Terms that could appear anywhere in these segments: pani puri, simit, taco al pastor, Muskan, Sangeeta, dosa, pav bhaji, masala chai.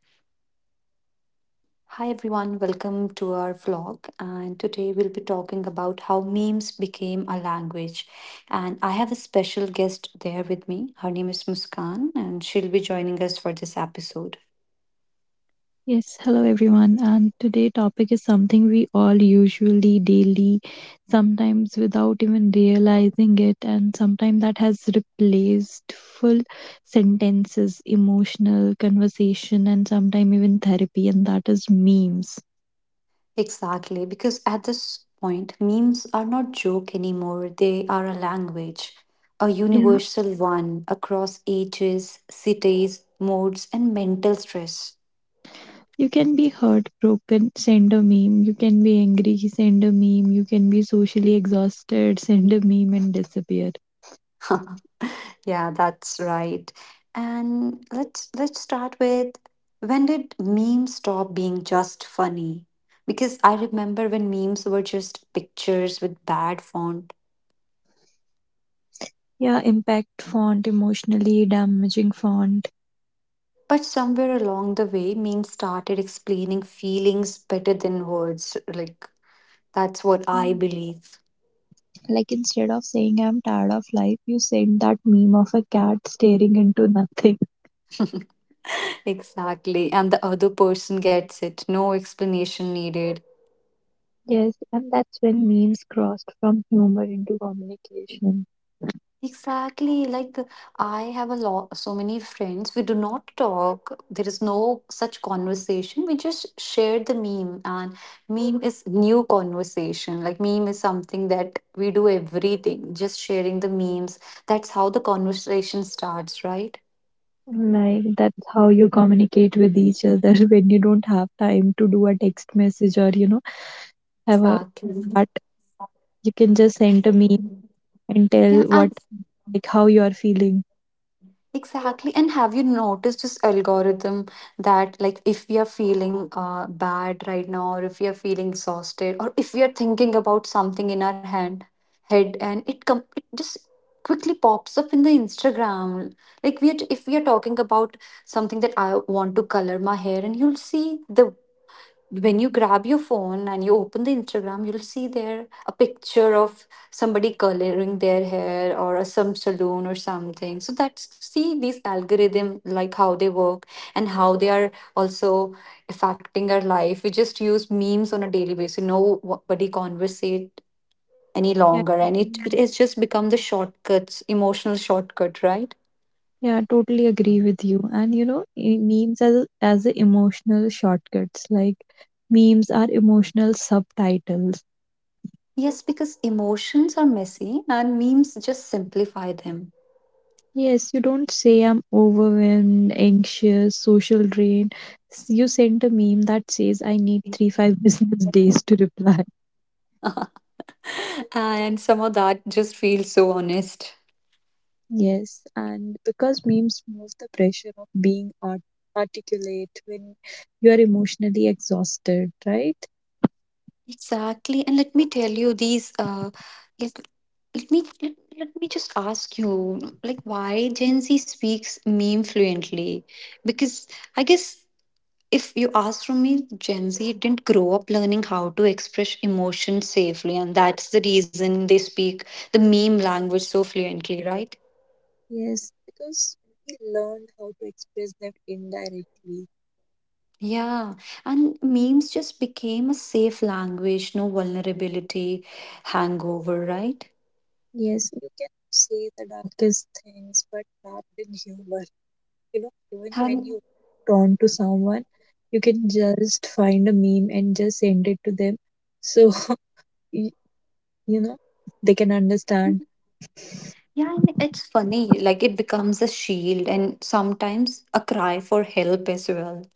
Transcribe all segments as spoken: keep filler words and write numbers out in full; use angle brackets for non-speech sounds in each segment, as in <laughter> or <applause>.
Hi everyone, welcome to our vlog. And today we'll be talking about how memes became a language. And I have a special guest there with me. Her name is Muskan, and she'll be joining us for this episode. Yes, hello everyone. And today topic is something we all usually daily, sometimes without even realizing it, and sometimes that has replaced full sentences, emotional conversation, and sometimes even therapy, and that is memes. Exactly, because at this point, memes are not joke anymore. They are a language, a Yeah, universal one across ages, cities, modes, and mental stress. you can be heartbroken, send a meme. You can be angry, send a meme. You can be socially exhausted, send a meme and disappear. <laughs> Yeah, that's right. And let's let's start with when did memes stop being just funny? Because I remember when memes were just pictures with bad font. Yeah, impact font, emotionally damaging font. But somewhere along the way, memes started explaining feelings better than words. Like that's what I Mm. believe. Like instead of saying I'm tired of life, you send that meme of a cat staring into nothing. <laughs> <laughs> Exactly. And the other person gets it. No explanation needed. Yes, and that's when memes crossed from humor into communication. Exactly. Like I have a lot, so many friends. We do not talk. There is no such conversation. We just share the meme, and meme is new conversation. Like meme is something that we do everything. Just sharing the memes. That's how the conversation starts, right? Like that's how you communicate with each other <laughs> when you don't have time to do a text message, or you know have a Exactly. but you can just send a meme and tell Yeah, what, and like how you are feeling. exactly. And have you noticed this algorithm that, like, if we are feeling uh, bad right now, or if we are feeling exhausted, or if we are thinking about something in our hand, head, and it com- it just quickly pops up in the Instagram. Like, we are if we are talking about something that I want to color my hair, and you'll see the when you grab your phone and you open the Instagram, you'll see there a picture of somebody coloring their hair or a, some saloon or something. So that's see these algorithm like how they work and how they are also affecting our life. We just use memes on a daily basis. Nobody conversate any Yeah. longer, and it it has just become the shortcuts, emotional shortcut, right? Yeah, totally agree with you. And you know, e- Memes as as a emotional shortcuts. Like memes are emotional subtitles. Yes, because emotions are messy and memes just simplify them. Yes, you don't say I'm overwhelmed, anxious, social drain. S- You send a meme that says I need three five <laughs> business days to reply. <laughs> And somehow that just feels so honest. Yes, and because memes remove the pressure of being art articulate when you are emotionally exhausted, right? Exactly. And let me tell you these uh let, let me let, let me just ask you like why Gen Z speaks meme fluently? Because I guess if you ask from me, Gen Z didn't grow up learning how to express emotions safely, and that's the reason they speak the meme language so fluently, right? Yes, because we learned how to express them indirectly. Yeah, and memes just became a safe language, no vulnerability, hangover, right? Yes, you can say the darkest things, but wrapped in humor. You know, even when And you turn to someone, you can just find a meme and just send it to them. So, <laughs> y- you know, they can understand. yeah, and it's funny, like it becomes a shield and sometimes a cry for help as well.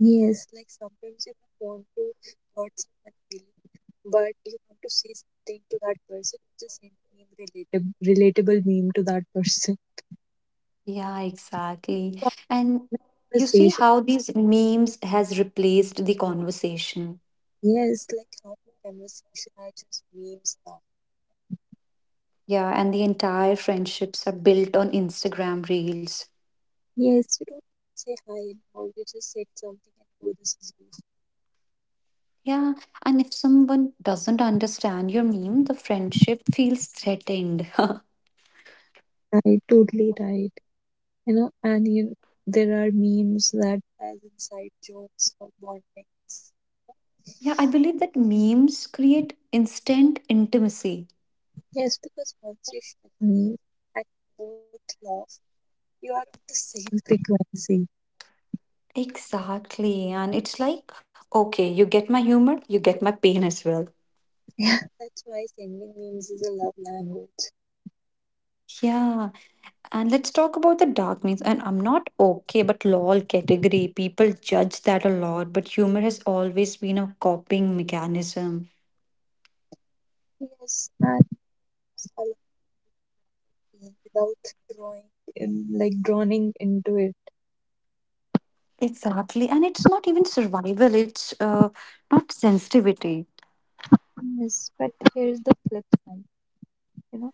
Yes, like sometimes you don't want to hurt someone feeling, but you want to say something to that person, just send meme relatable, relatable meme to that person. Yeah, exactly. <laughs> And you see Conversation. how these memes has replaced the conversation. Yes, like how conversation are just memes now. Yeah, and the entire friendships are built on Instagram reels. Yes, you don't say hi now. You just said something and oh, this is you. Yeah, and if someone doesn't understand your meme, the friendship feels threatened. <laughs> Yeah, Right, totally right. You know, and you, know, there are memes that has inside jokes or warnings. I believe that memes create instant intimacy. Yes, because once you share a meme and both laugh, you are on the same frequency. <laughs> Exactly. And it's like, okay, you get my humor, you get my pain as well. Yeah, that's why sending memes is a love language. Yeah. And let's talk about the dark memes. And I'm not okay, but lol category. People judge that a lot, but humor has always been a coping mechanism. Yes, and I love meme without drawing in, like drowning into it. Exactly. And it's not even survival, it's uh, not sensitivity. Yes, but here's the flip side. You know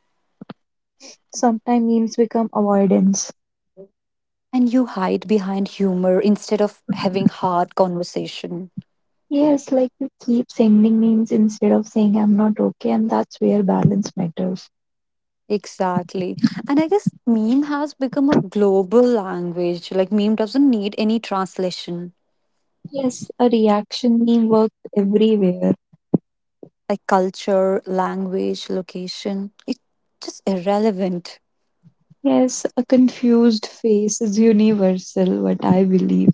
Sometimes memes become avoidance. And you hide behind humor instead of having hard conversation. Yes, like you keep sending memes instead of saying I'm not okay, and that's where balance matters. Exactly. And I guess meme has become a global language. Like, meme doesn't need any translation, Yes, a reaction meme works everywhere. like culture, language, location. It's just irrelevant. Yes, a confused face is universal, what I believe.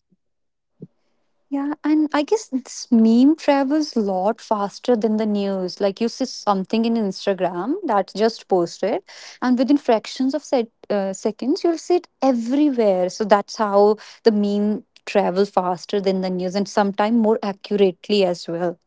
Yeah, and I guess this meme travels a lot faster than the news. Like you see something in Instagram that's just posted, and within fractions of set, uh, seconds, you'll see it everywhere. So that's how the meme travel faster than the news, and sometimes more accurately as well.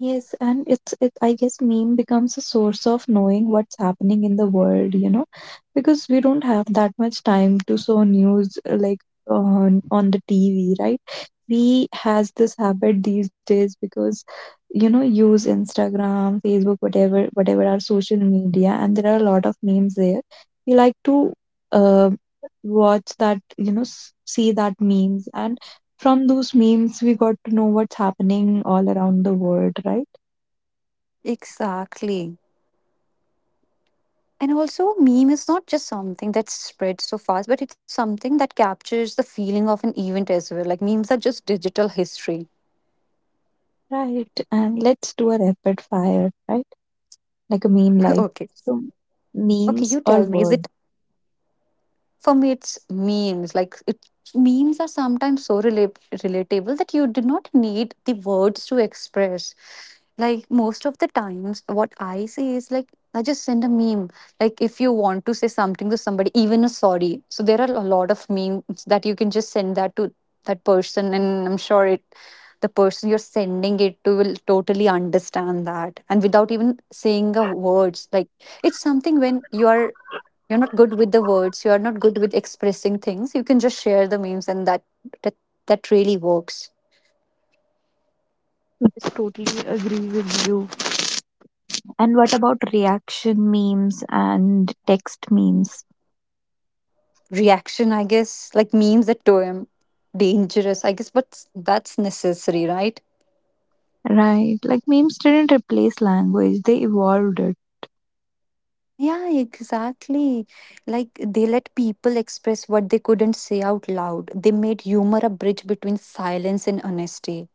Yes, and it's it I guess meme becomes a source of knowing what's happening in the world, you know, because we don't have that much time to show news, uh, like on on the T V, right? We has this habit these days because you know use Instagram, Facebook, whatever, whatever our social media, and there are a lot of memes there. We like to uh, watch that, you know, s- see that memes, and from those memes we got to know what's happening all around the world, right? Exactly. And also, meme is not just something that spreads so fast, but it's something that captures the feeling of an event as well. Like memes are just digital history. Right, and let's do a rapid fire, right? Like a meme <laughs> life. Okay. So, Okay, memes you or tell me. Is word? it for me, it's memes. Like it, memes are sometimes so rela- relatable that you do not need the words to express. Like most of the times, what I say is like I just send a meme. Like if you want to say something to somebody, even a sorry. So there are a lot of memes that you can just send that to that person, and I'm sure it the person you're sending it to will totally understand that and without even saying a words like it's something when you are you're not good with the words. You are not good with expressing things. You can just share the memes, and that that, that really works. Yes, totally agree with you. And what about reaction memes and text memes? Reaction, I guess, like memes that term dangerous, I guess, but that's necessary, right? Right, like memes didn't replace language, they evolved it. Yeah, exactly. Like they let people express what they couldn't say out loud. They made humor a bridge between silence and honesty.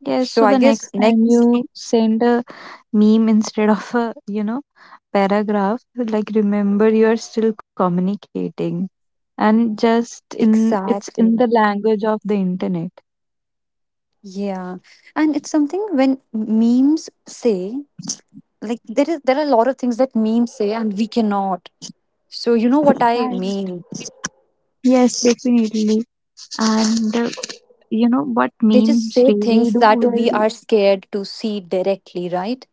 Yes, So so I the guess next time next, you send a meme instead of a, you know, paragraph, like remember you are still communicating, and just in it's in the exactly. language of the internet. Yeah. And it's something when memes say like there is there are a lot of things that memes say and we cannot so you know what I Right. mean Yes, definitely. And uh, you know what they just memes say really things do that we well. are scared to see directly, right?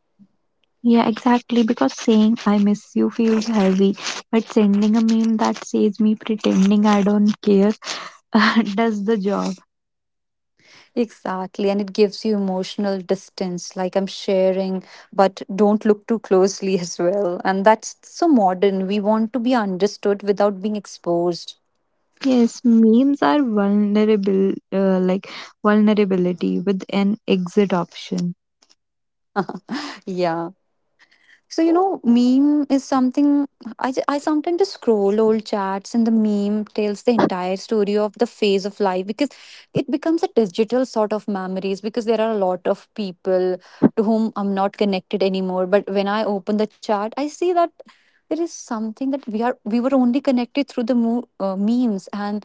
Yeah, exactly, because saying I miss you feels heavy, but sending a meme that says me pretending I don't care <laughs> uh, does the job. Exactly, and it gives you emotional distance, like I'm sharing but don't look too closely <laughs> as well, and that's so modern. We want to be understood without being exposed. Yes, memes are vulnerable, uh, like vulnerability with an exit option. Yeah. So, you know, meme is something I, ju- I sometimes just scroll old chats and the meme tells the entire story of the phase of life, because it becomes a digital sort of memories because there are a lot of people to whom I'm not connected anymore. But when I open the chat, I see that there is something that we are we were only connected through the mo- uh, memes and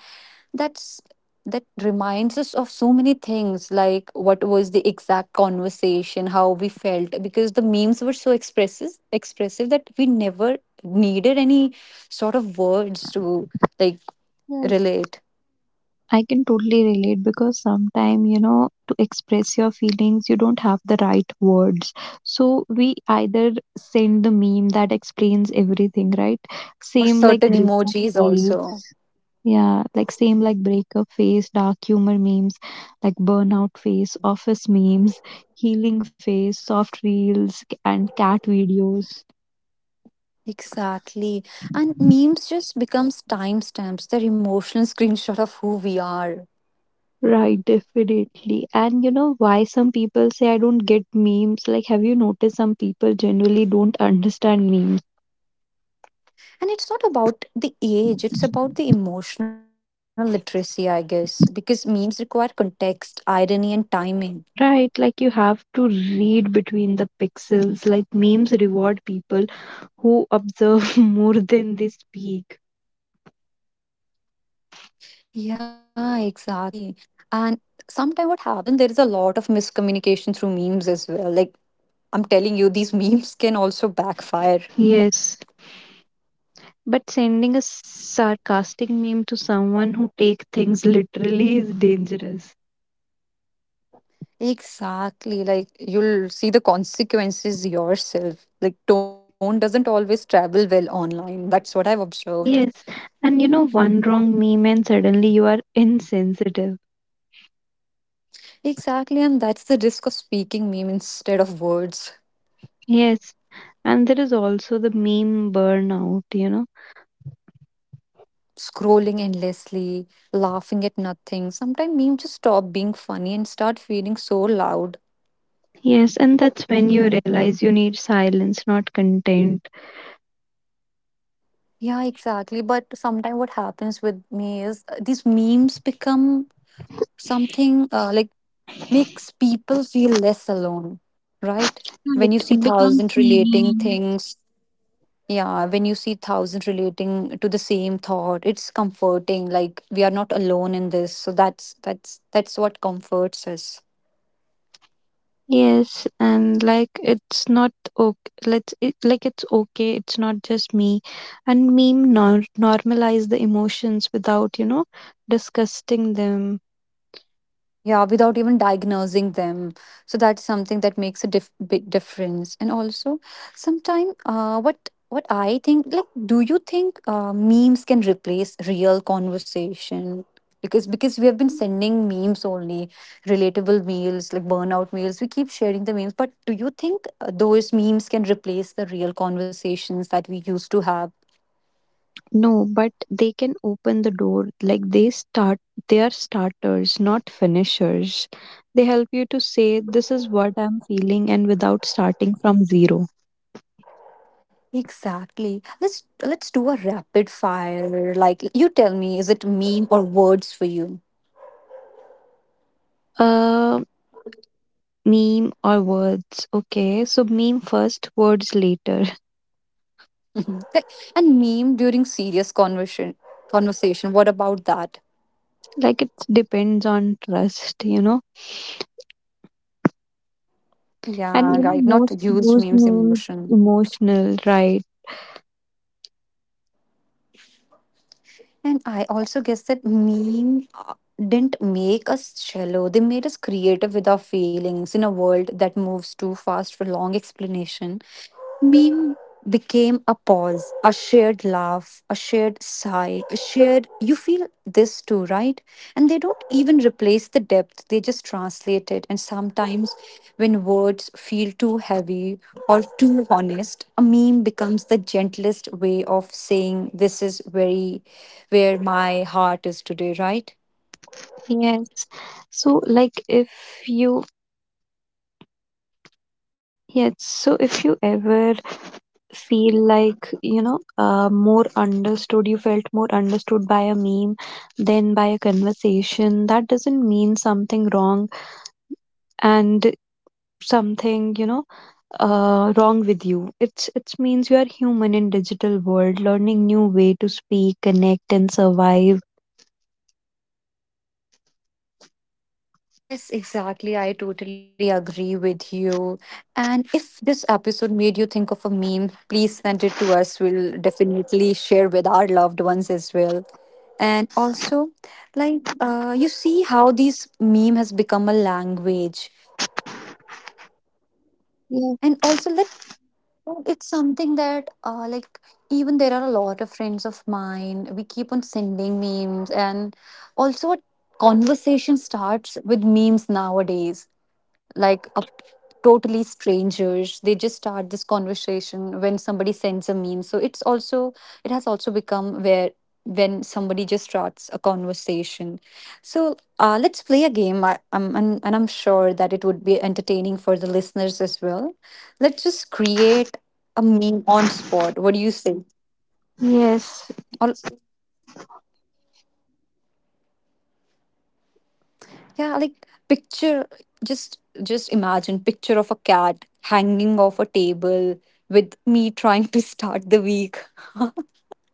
that's that reminds us of so many things like what was the exact conversation, how we felt, because the memes were so expressive expressive that we never needed any sort of words to like relate I can totally relate because sometimes, you know, to express your feelings, you don't have the right words. So we either send the meme that explains everything, right? or Same like certain breakup emojis also, face. Yeah, like same like breakup face, dark humor memes, like burnout face, office memes, healing face, soft reels, and cat videos. exactly. And memes just becomes timestamps, they're emotional <laughs> screenshot of who we are. Right, definitely. And you know why some people say I don't get memes? Like, have you noticed some people generally don't understand memes? And it's not about the age, it's about the emotional literacy, I guess, because memes require context, irony and timing. Right, like you have to read between the pixels. Like, memes reward people who observe <laughs> more than they speak. Yeah, exactly. And sometimes what happens, there is a lot of miscommunication through memes as well. Like, I'm telling you, these <laughs> memes can also backfire. Yes. But sending a sarcastic meme to someone who take things literally is dangerous. Exactly. Like, you'll see the consequences yourself. Like, tone doesn't always travel well online. That's what I've observed. Yes. And you know, one wrong meme and suddenly you are insensitive. Exactly. And that's the risk of speaking meme instead of words. Yes. And there is also the meme burnout, you know. Scrolling endlessly, laughing at nothing. Sometimes memes just stop being funny and start feeling so loud. Yes, and that's when you realize you need silence, not content. Yeah, exactly. But sometimes what happens with me is uh, these memes become something uh, like makes people feel less alone, right? Right, When you see it becomes thousand relating healing. things, yeah, when you see thousand relating to the same thought, it's comforting. Like we are not alone in this. So that's that's that's what comforts us. Yes, and like it's not okay. Let's it, like it's okay. It's not just me, and meme nor- normalize the emotions without you know disgusting them. Yeah, without even diagnosing them. So that's something that makes a diff- big difference. And also, sometime uh, what what I think, like, do you think uh, memes can replace real conversation? Because because we have been sending memes only, relatable meals like burnout meals. We keep sharing the memes, but do you think uh, those memes can replace the real conversations that we used to have? No, but they can open the door. Like they start, they are starters, not finishers. They help you to say, this is what I'm feeling, and without starting from zero. Exactly. Let's let's do a rapid fire. Like you tell me, is it meme or words for you? Uh, Meme or words. Okay, so meme first, words later. <laughs> Th- And meme during serious conversation. Conversation. What about that? Like it depends on trust, you know. And Yeah, you know, right. Not most used used memes memes emotion. emotional, right? And I also guess that meme uh, didn't make us shallow. They made us creative with our feelings in a world that moves too fast for long explanation. Meme became a pause, a shared laugh, a shared sigh, a shared, you feel this too, right? And they don't even replace the depth, they just translate it. And sometimes when words feel too heavy or too honest, a meme becomes the gentlest way of saying, this is very where my heart is today, right? Yes. So like if you Yes, so if you ever feel like, you know, uh, more understood, you felt more understood by a meme than by a conversation, that doesn't mean something wrong and something, you know, uh, wrong with you. It's it means you are human in digital world, learning new way to speak, connect, and survive. Yes, exactly. I totally agree with you. And if this episode made you think of a meme, please send it to us. We'll definitely share with our loved ones as well. And also, like, uh, you see how this meme has become a language. Yes. And also, let it's something that, uh, like, even there are a lot of friends of mine. We keep on sending memes, and also a conversation starts with memes nowadays like a totally strangers they just start this conversation when somebody sends a meme so it's also it has also become where when somebody just starts a conversation so uh, let's play a game I, I'm, and, and I'm sure that it would be entertaining for the listeners as well. Let's just create a meme on spot, what do you say? Yes. Or yeah, like picture just just imagine picture of a cat hanging off a table with me <laughs> trying to start the week.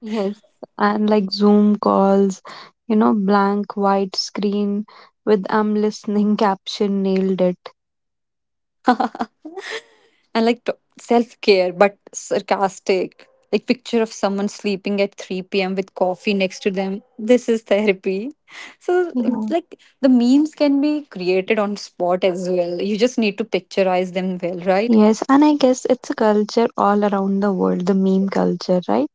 Yes, and like Zoom calls, you know, blank white screen with I'm listening <laughs> caption nailed it. And like t- self-care but sarcastic. Like picture of someone sleeping at three p m with coffee next to them. This is therapy. So it's Yeah. like the memes can be created on spot as well. You just need to picturize them well, right? Yes, and I guess it's a culture all around the world, the meme culture, right?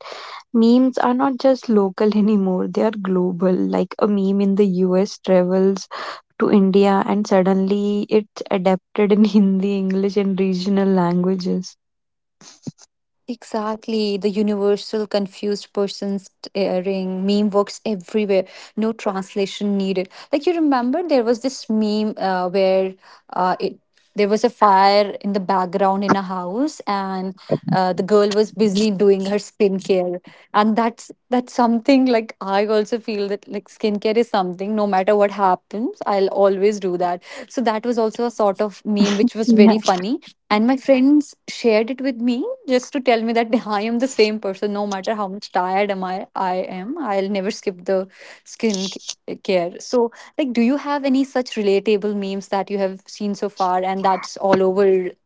Memes are not just local <laughs> anymore, they are global. Like a meme in the U S travels to India and suddenly it's adapted in <laughs> Hindi, English, and regional languages. Exactly, the universal confused person staring meme works everywhere. No translation needed. Like you remember, there was this meme uh, where uh, it there was a fire in the background in a house, and uh, the girl was busy doing her skincare, and that's that's something. Like I also feel that like skincare is something. No matter what happens, I'll always do that. So that was also a sort of meme which was Yeah. very funny, and my friends shared it with me just to tell me that <laughs> I am the same person. No matter how much tired am I, I am, I'll never skip the skin ca- care. So, like, do you have any such relatable memes that you have seen so far, and that's all over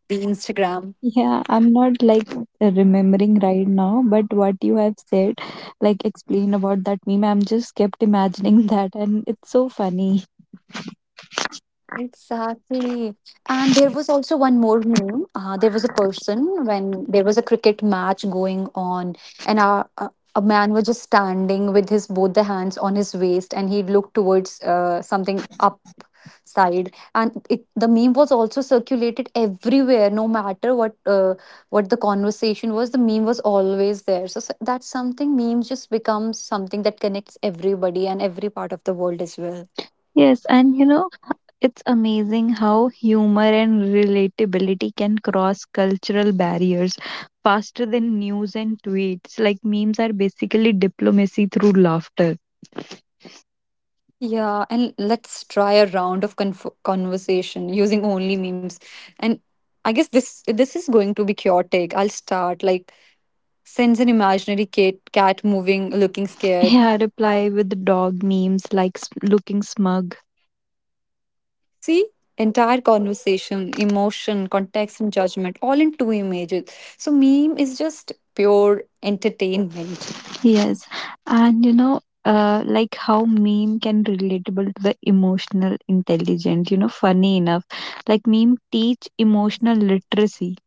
the Instagram? Yeah, I'm not like uh, remembering right now, but what you have said, like explain about that meme, I'm just kept imagining <laughs> that, and it's so funny. Exactly. And there was also one more meme. Uh, there was a person when there was a cricket match going on, and a, a, a man was just standing with his both the hands on his waist, and he looked towards uh, something upside. And it, the meme was also circulated everywhere, no matter what uh, what the conversation was. The meme was always there. So, so that's something. Memes just becomes something that connects everybody and every part of the world as well. Yes, and you know, it's amazing how humor and relatability can cross cultural barriers faster than news and tweets. Like, memes are basically diplomacy through laughter. Yeah, and let's try a round of conf- conversation using only memes. And I guess this this is going to be chaotic. I'll start like sends an imaginary cat cat moving, looking scared. Yeah, reply with dog memes, like s- looking smug. See, entire conversation, emotion, context, and judgment all in two images. So meme is just pure entertainment. Yes, and you know, uh, like how meme can relatable to the emotional intelligent. You know, funny enough, like meme teach emotional literacy.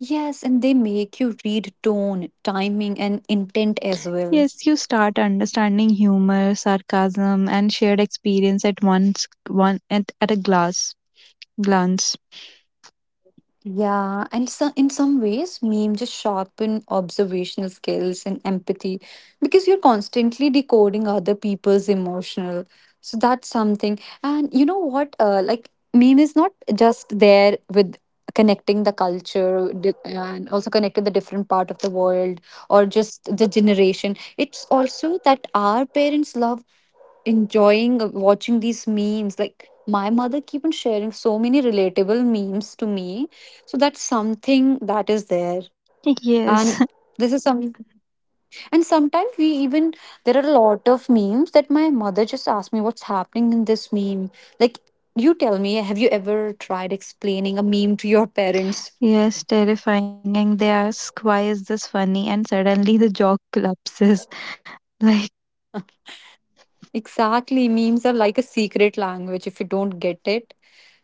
Yes, and they make you read tone, timing, and intent as well. Yes, you start understanding humor, sarcasm, and shared experience at once, one at, at a glass glance. Yeah, and so in some ways, meme just sharpen observational skills and empathy, because you're constantly decoding other people's emotional. So that's something. And you know what? Uh, like meme is not just there with connecting the culture di- and also connecting the different part of the world or just the generation. It's also that our parents love enjoying uh, watching these memes, like my mother keep on sharing so many relatable memes to me. So that's something that is there. And Yes. this is some and sometimes we even, there are a lot of memes that my mother just asked me, what's happening in this meme? Like, you tell me, have you ever tried explaining a meme to your parents? <laughs> Yes, terrifying, and they ask why is this funny, and suddenly the jaw collapses. <laughs> Like, Exactly, memes are like a secret language. If you don't get it,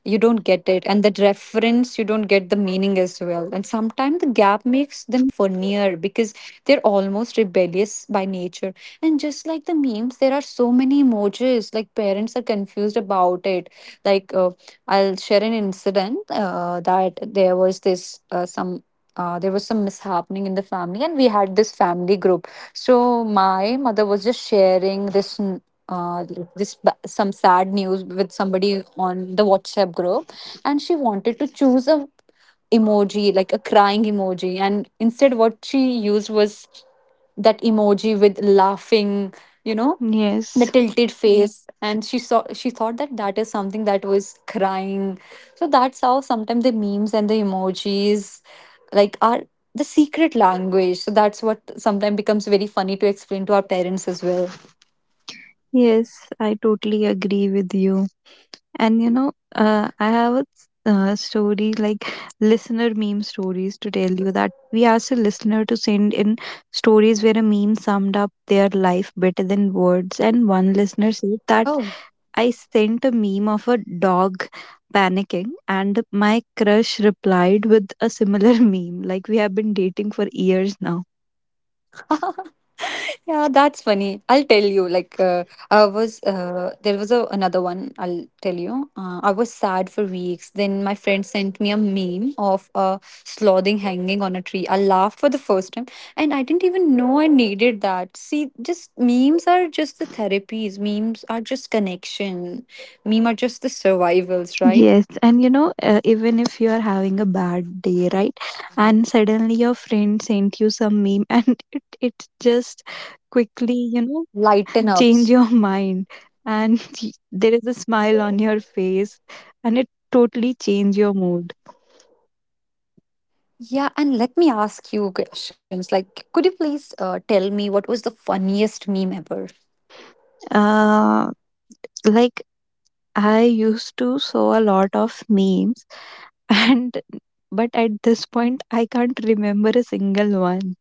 you don't get it, and that reference, you don't get the meaning as well. And sometimes the gap makes them funnier because they're almost rebellious by nature. And just like the memes, there are so many emojis like parents are confused about it. Like, uh, I'll share an incident, uh, that there was this uh, some uh, there was some mishappening in the family, and we had this family group. So my mother was just sharing this, uh, like this ba- some sad news with somebody on the WhatsApp group, and she wanted to choose a emoji, like a crying emoji, and instead what she used was that emoji with laughing, you know, yes, the tilted face. And she saw, she thought that that is something that was crying. So that's how sometimes the memes and the emojis like are the secret language. So that's what sometimes becomes very funny to explain to our parents as well. yes, I totally agree with you. And you know, uh, I have a s- uh, story, like listener meme stories to tell you that we asked a listener to send in stories where a meme summed up their life better than words. And one listener said that I sent a meme of a dog panicking, and my crush replied with a similar <laughs> meme. Like, we have been dating for years now. Yeah, that's funny. I'll tell you. Like, uh, I was uh, there was a, another one. I'll tell you. Uh, I was sad for weeks. Then my friend sent me a meme of a slothing hanging on a tree. I laughed for the first time, and I didn't even know I needed that. See, just memes are just the therapies. Memes are just connection. Meme are just the survivals, right? Yes, and you know, uh, even if you are having a bad day, right? And suddenly your friend sent you some meme, <laughs> and it it just quickly, you know, Lighten change ups. your mind, and <laughs> there is a smile on your face, and it totally change your mood. Yeah, and let me ask you questions. Like, could you please uh, tell me, what was the funniest meme ever? Uh, like I used to saw a lot of memes, <laughs> and but at this point, I can't remember a single one.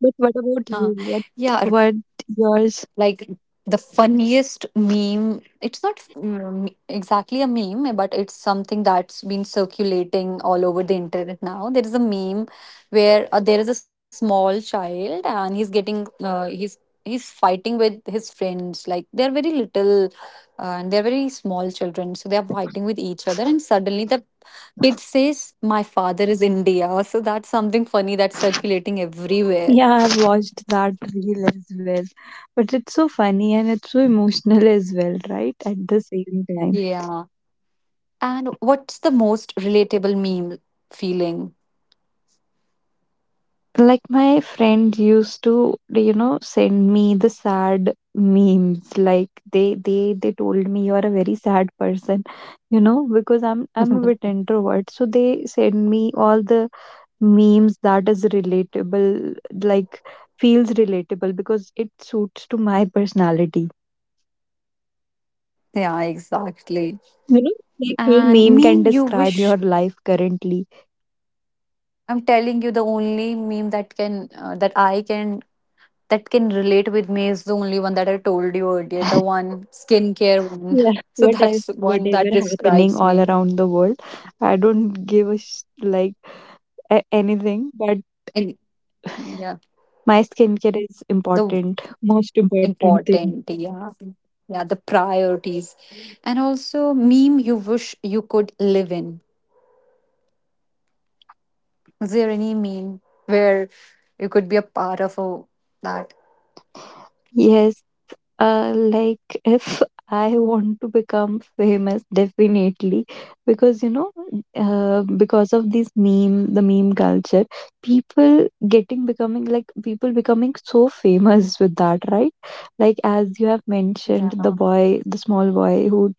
But what about Huh. you? What Yeah, r- what yours? like the funniest meme. It's not mm, exactly a meme, but it's something that's been circulating all over the internet now. There is a meme where uh, there is a small child and he's getting uh, he's he's fighting with his friends. Like they're very little, uh, and they're very small children, so they are fighting with each other, and suddenly the kid says, "My father is India." <laughs> So that's something funny that's circulating everywhere. Yeah, I've watched that reel as well. But it's so funny and it's so emotional <laughs> as well, right? At the same time. Yeah. And what's the most relatable meme feeling? Like my friend used to, you know, send me the sad memes. Like they they they told me you are a very sad person, you know, because I'm I'm a bit <laughs> introvert. So they send me all the memes that is relatable, like feels relatable because it suits to my personality. Yeah, exactly. You know, like your And meme can meme you describe wish, your life currently. I'm telling you, the only meme that can uh, that I can that can relate with me is the only one that I told you earlier, the one skincare one. <laughs> Yeah. So What I, that's one that whatever happening describes all me. around the world, I don't give a sh- like a- anything. But And yeah, my skincare is the important, most important thing. important, yeah. Yeah, the priorities. And also meme you wish you could live in. Is there any meme where you could be a part of a, that? Yes. Uh, like <laughs> if I want to become famous, definitely, because you know, uh, because of this meme, the meme culture, people getting becoming like people becoming so famous with that, right? Like as you have Yeah. mentioned, the boy, the small boy who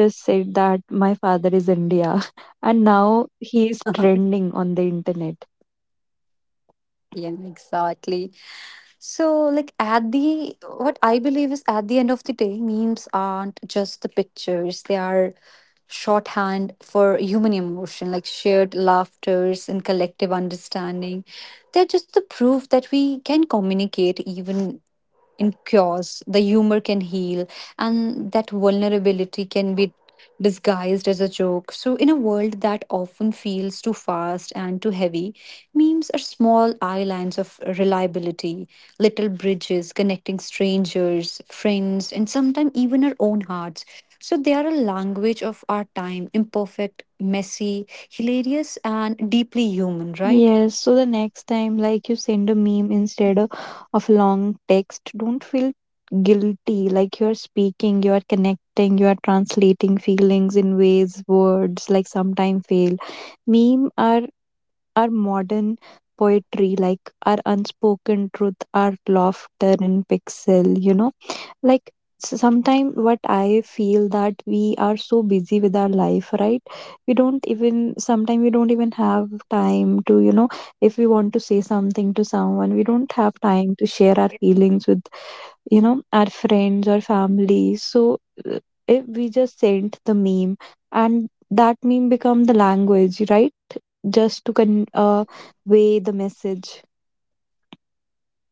just said that my father is India, <laughs> and now he is <laughs> trending on the internet. Yeah, exactly. So, like, at the, what I believe is at the end of the day, memes aren't just the pictures, they are shorthand for human emotion, like shared laughters and collective understanding. They're just the proof that we can communicate even, and cures, the humor can heal, and that vulnerability can be disguised as a joke. So, in a world that often feels too fast and too heavy, memes are small islands of reliability, little bridges connecting strangers, friends, and sometimes even our own hearts. So, they are a language of our time, imperfect, messy, hilarious, and deeply human, right? Yes, so the next time, like you send a meme instead of, of a long text, don't feel guilty. Like you're speaking, you're connecting, you're translating feelings in ways words like sometimes fail. Meme are are modern poetry, like our unspoken truth, our laughter in pixel, you know like sometimes what I feel that we are so busy with our life, right? we don't even Sometimes we don't even have time to, you know if we want to say something to someone we don't have time to share our feelings with, you know our friends or family. So, uh, if we just sent the meme and that meme become the Yeah. language, right? Just to con- uh, weigh the message.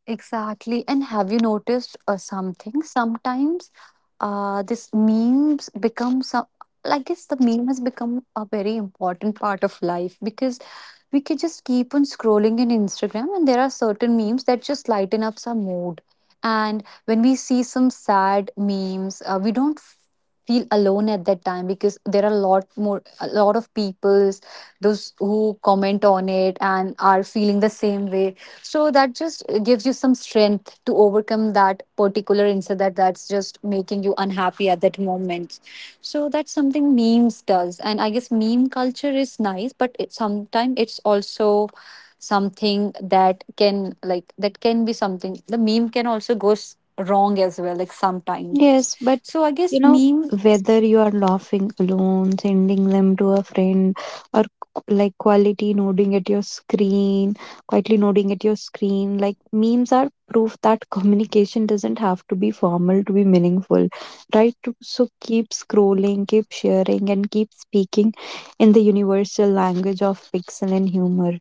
Exactly. And have you noticed uh, something? Sometimes uh, this memes become some, I guess the meme has become a very important part of life because we could just keep on scrolling in Instagram, and there are certain memes that just lighten up some mood. And when we see some sad memes, uh, we don't feel alone at that time, because there are a lot more a lot of peoples those who comment on it and are feeling the same way. So that just uh, gives you some strength to overcome that particular incident that that's just making you unhappy at that moment. So that's something memes does. And I guess meme culture is nice, but it sometimes it's also something that can, like that can be something, the meme can also go s- wrong as well, like sometimes. Yes, but So I guess you know, meme. whether you are laughing alone, sending them to a friend, or qu- like quality nodding at your screen, quietly nodding at your screen, like memes are proof that <laughs> communication doesn't have to be formal to be meaningful, right? To- So keep scrolling, keep sharing, and keep speaking in the universal language of pixel and humor.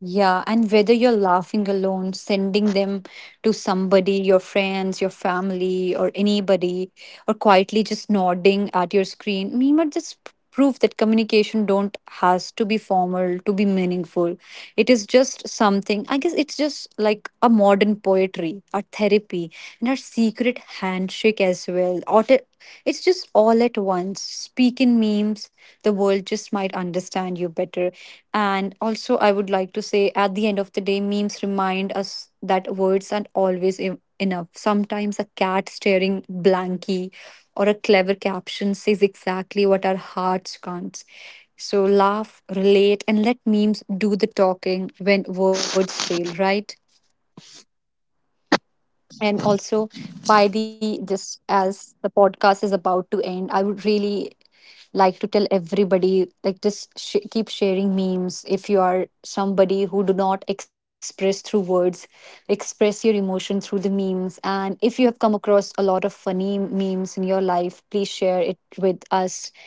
Yeah, and whether you're laughing alone, sending them to somebody, your friends, your family, or anybody, or quietly just nodding at your screen, Mima just p- prove that communication don't has to be formal to be meaningful. It is just something. I guess it's just like a modern poetry, our therapy, and our secret handshake as well. Or t- it's just just all at once. Speak in memes, the world just might understand you better. And also, I would like to say at the end of the day, memes remind us that words aren't always e- enough. Sometimes a cat staring blankly or a clever caption says exactly what our hearts can't. So laugh, relate, and let memes do the talking when words fail, right? And also, by the, just as the podcast is about to end, I would really like to tell everybody, like, just sh- keep sharing memes. If you are somebody who do not express through words, express your emotion through the memes. And if you have come across a lot of funny memes in your life, please share it with us.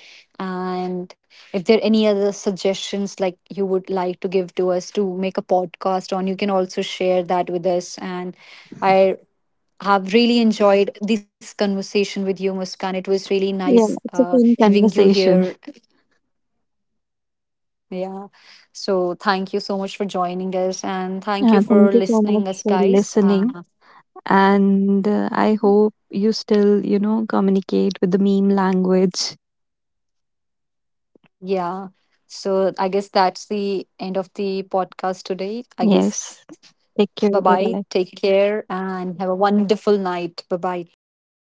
And if there are any other suggestions like you would like to give to us to make a podcast on, you can also share that with us. And I have really enjoyed this conversation with you, Muskan. It was really nice Yeah, it's a uh, fun having you conversation. here. Yeah. So thank you so much for joining us, and thank you Uh, for Thank you so much listening us, for guys. listening. Uh, and uh, I hope you still, you know, communicate with the meme language. Yeah. So I guess that's the end of the podcast today. I Yes. guess Take bye care. Bye bye. bye. Take care, and have a wonderful night. Bye bye. Take care.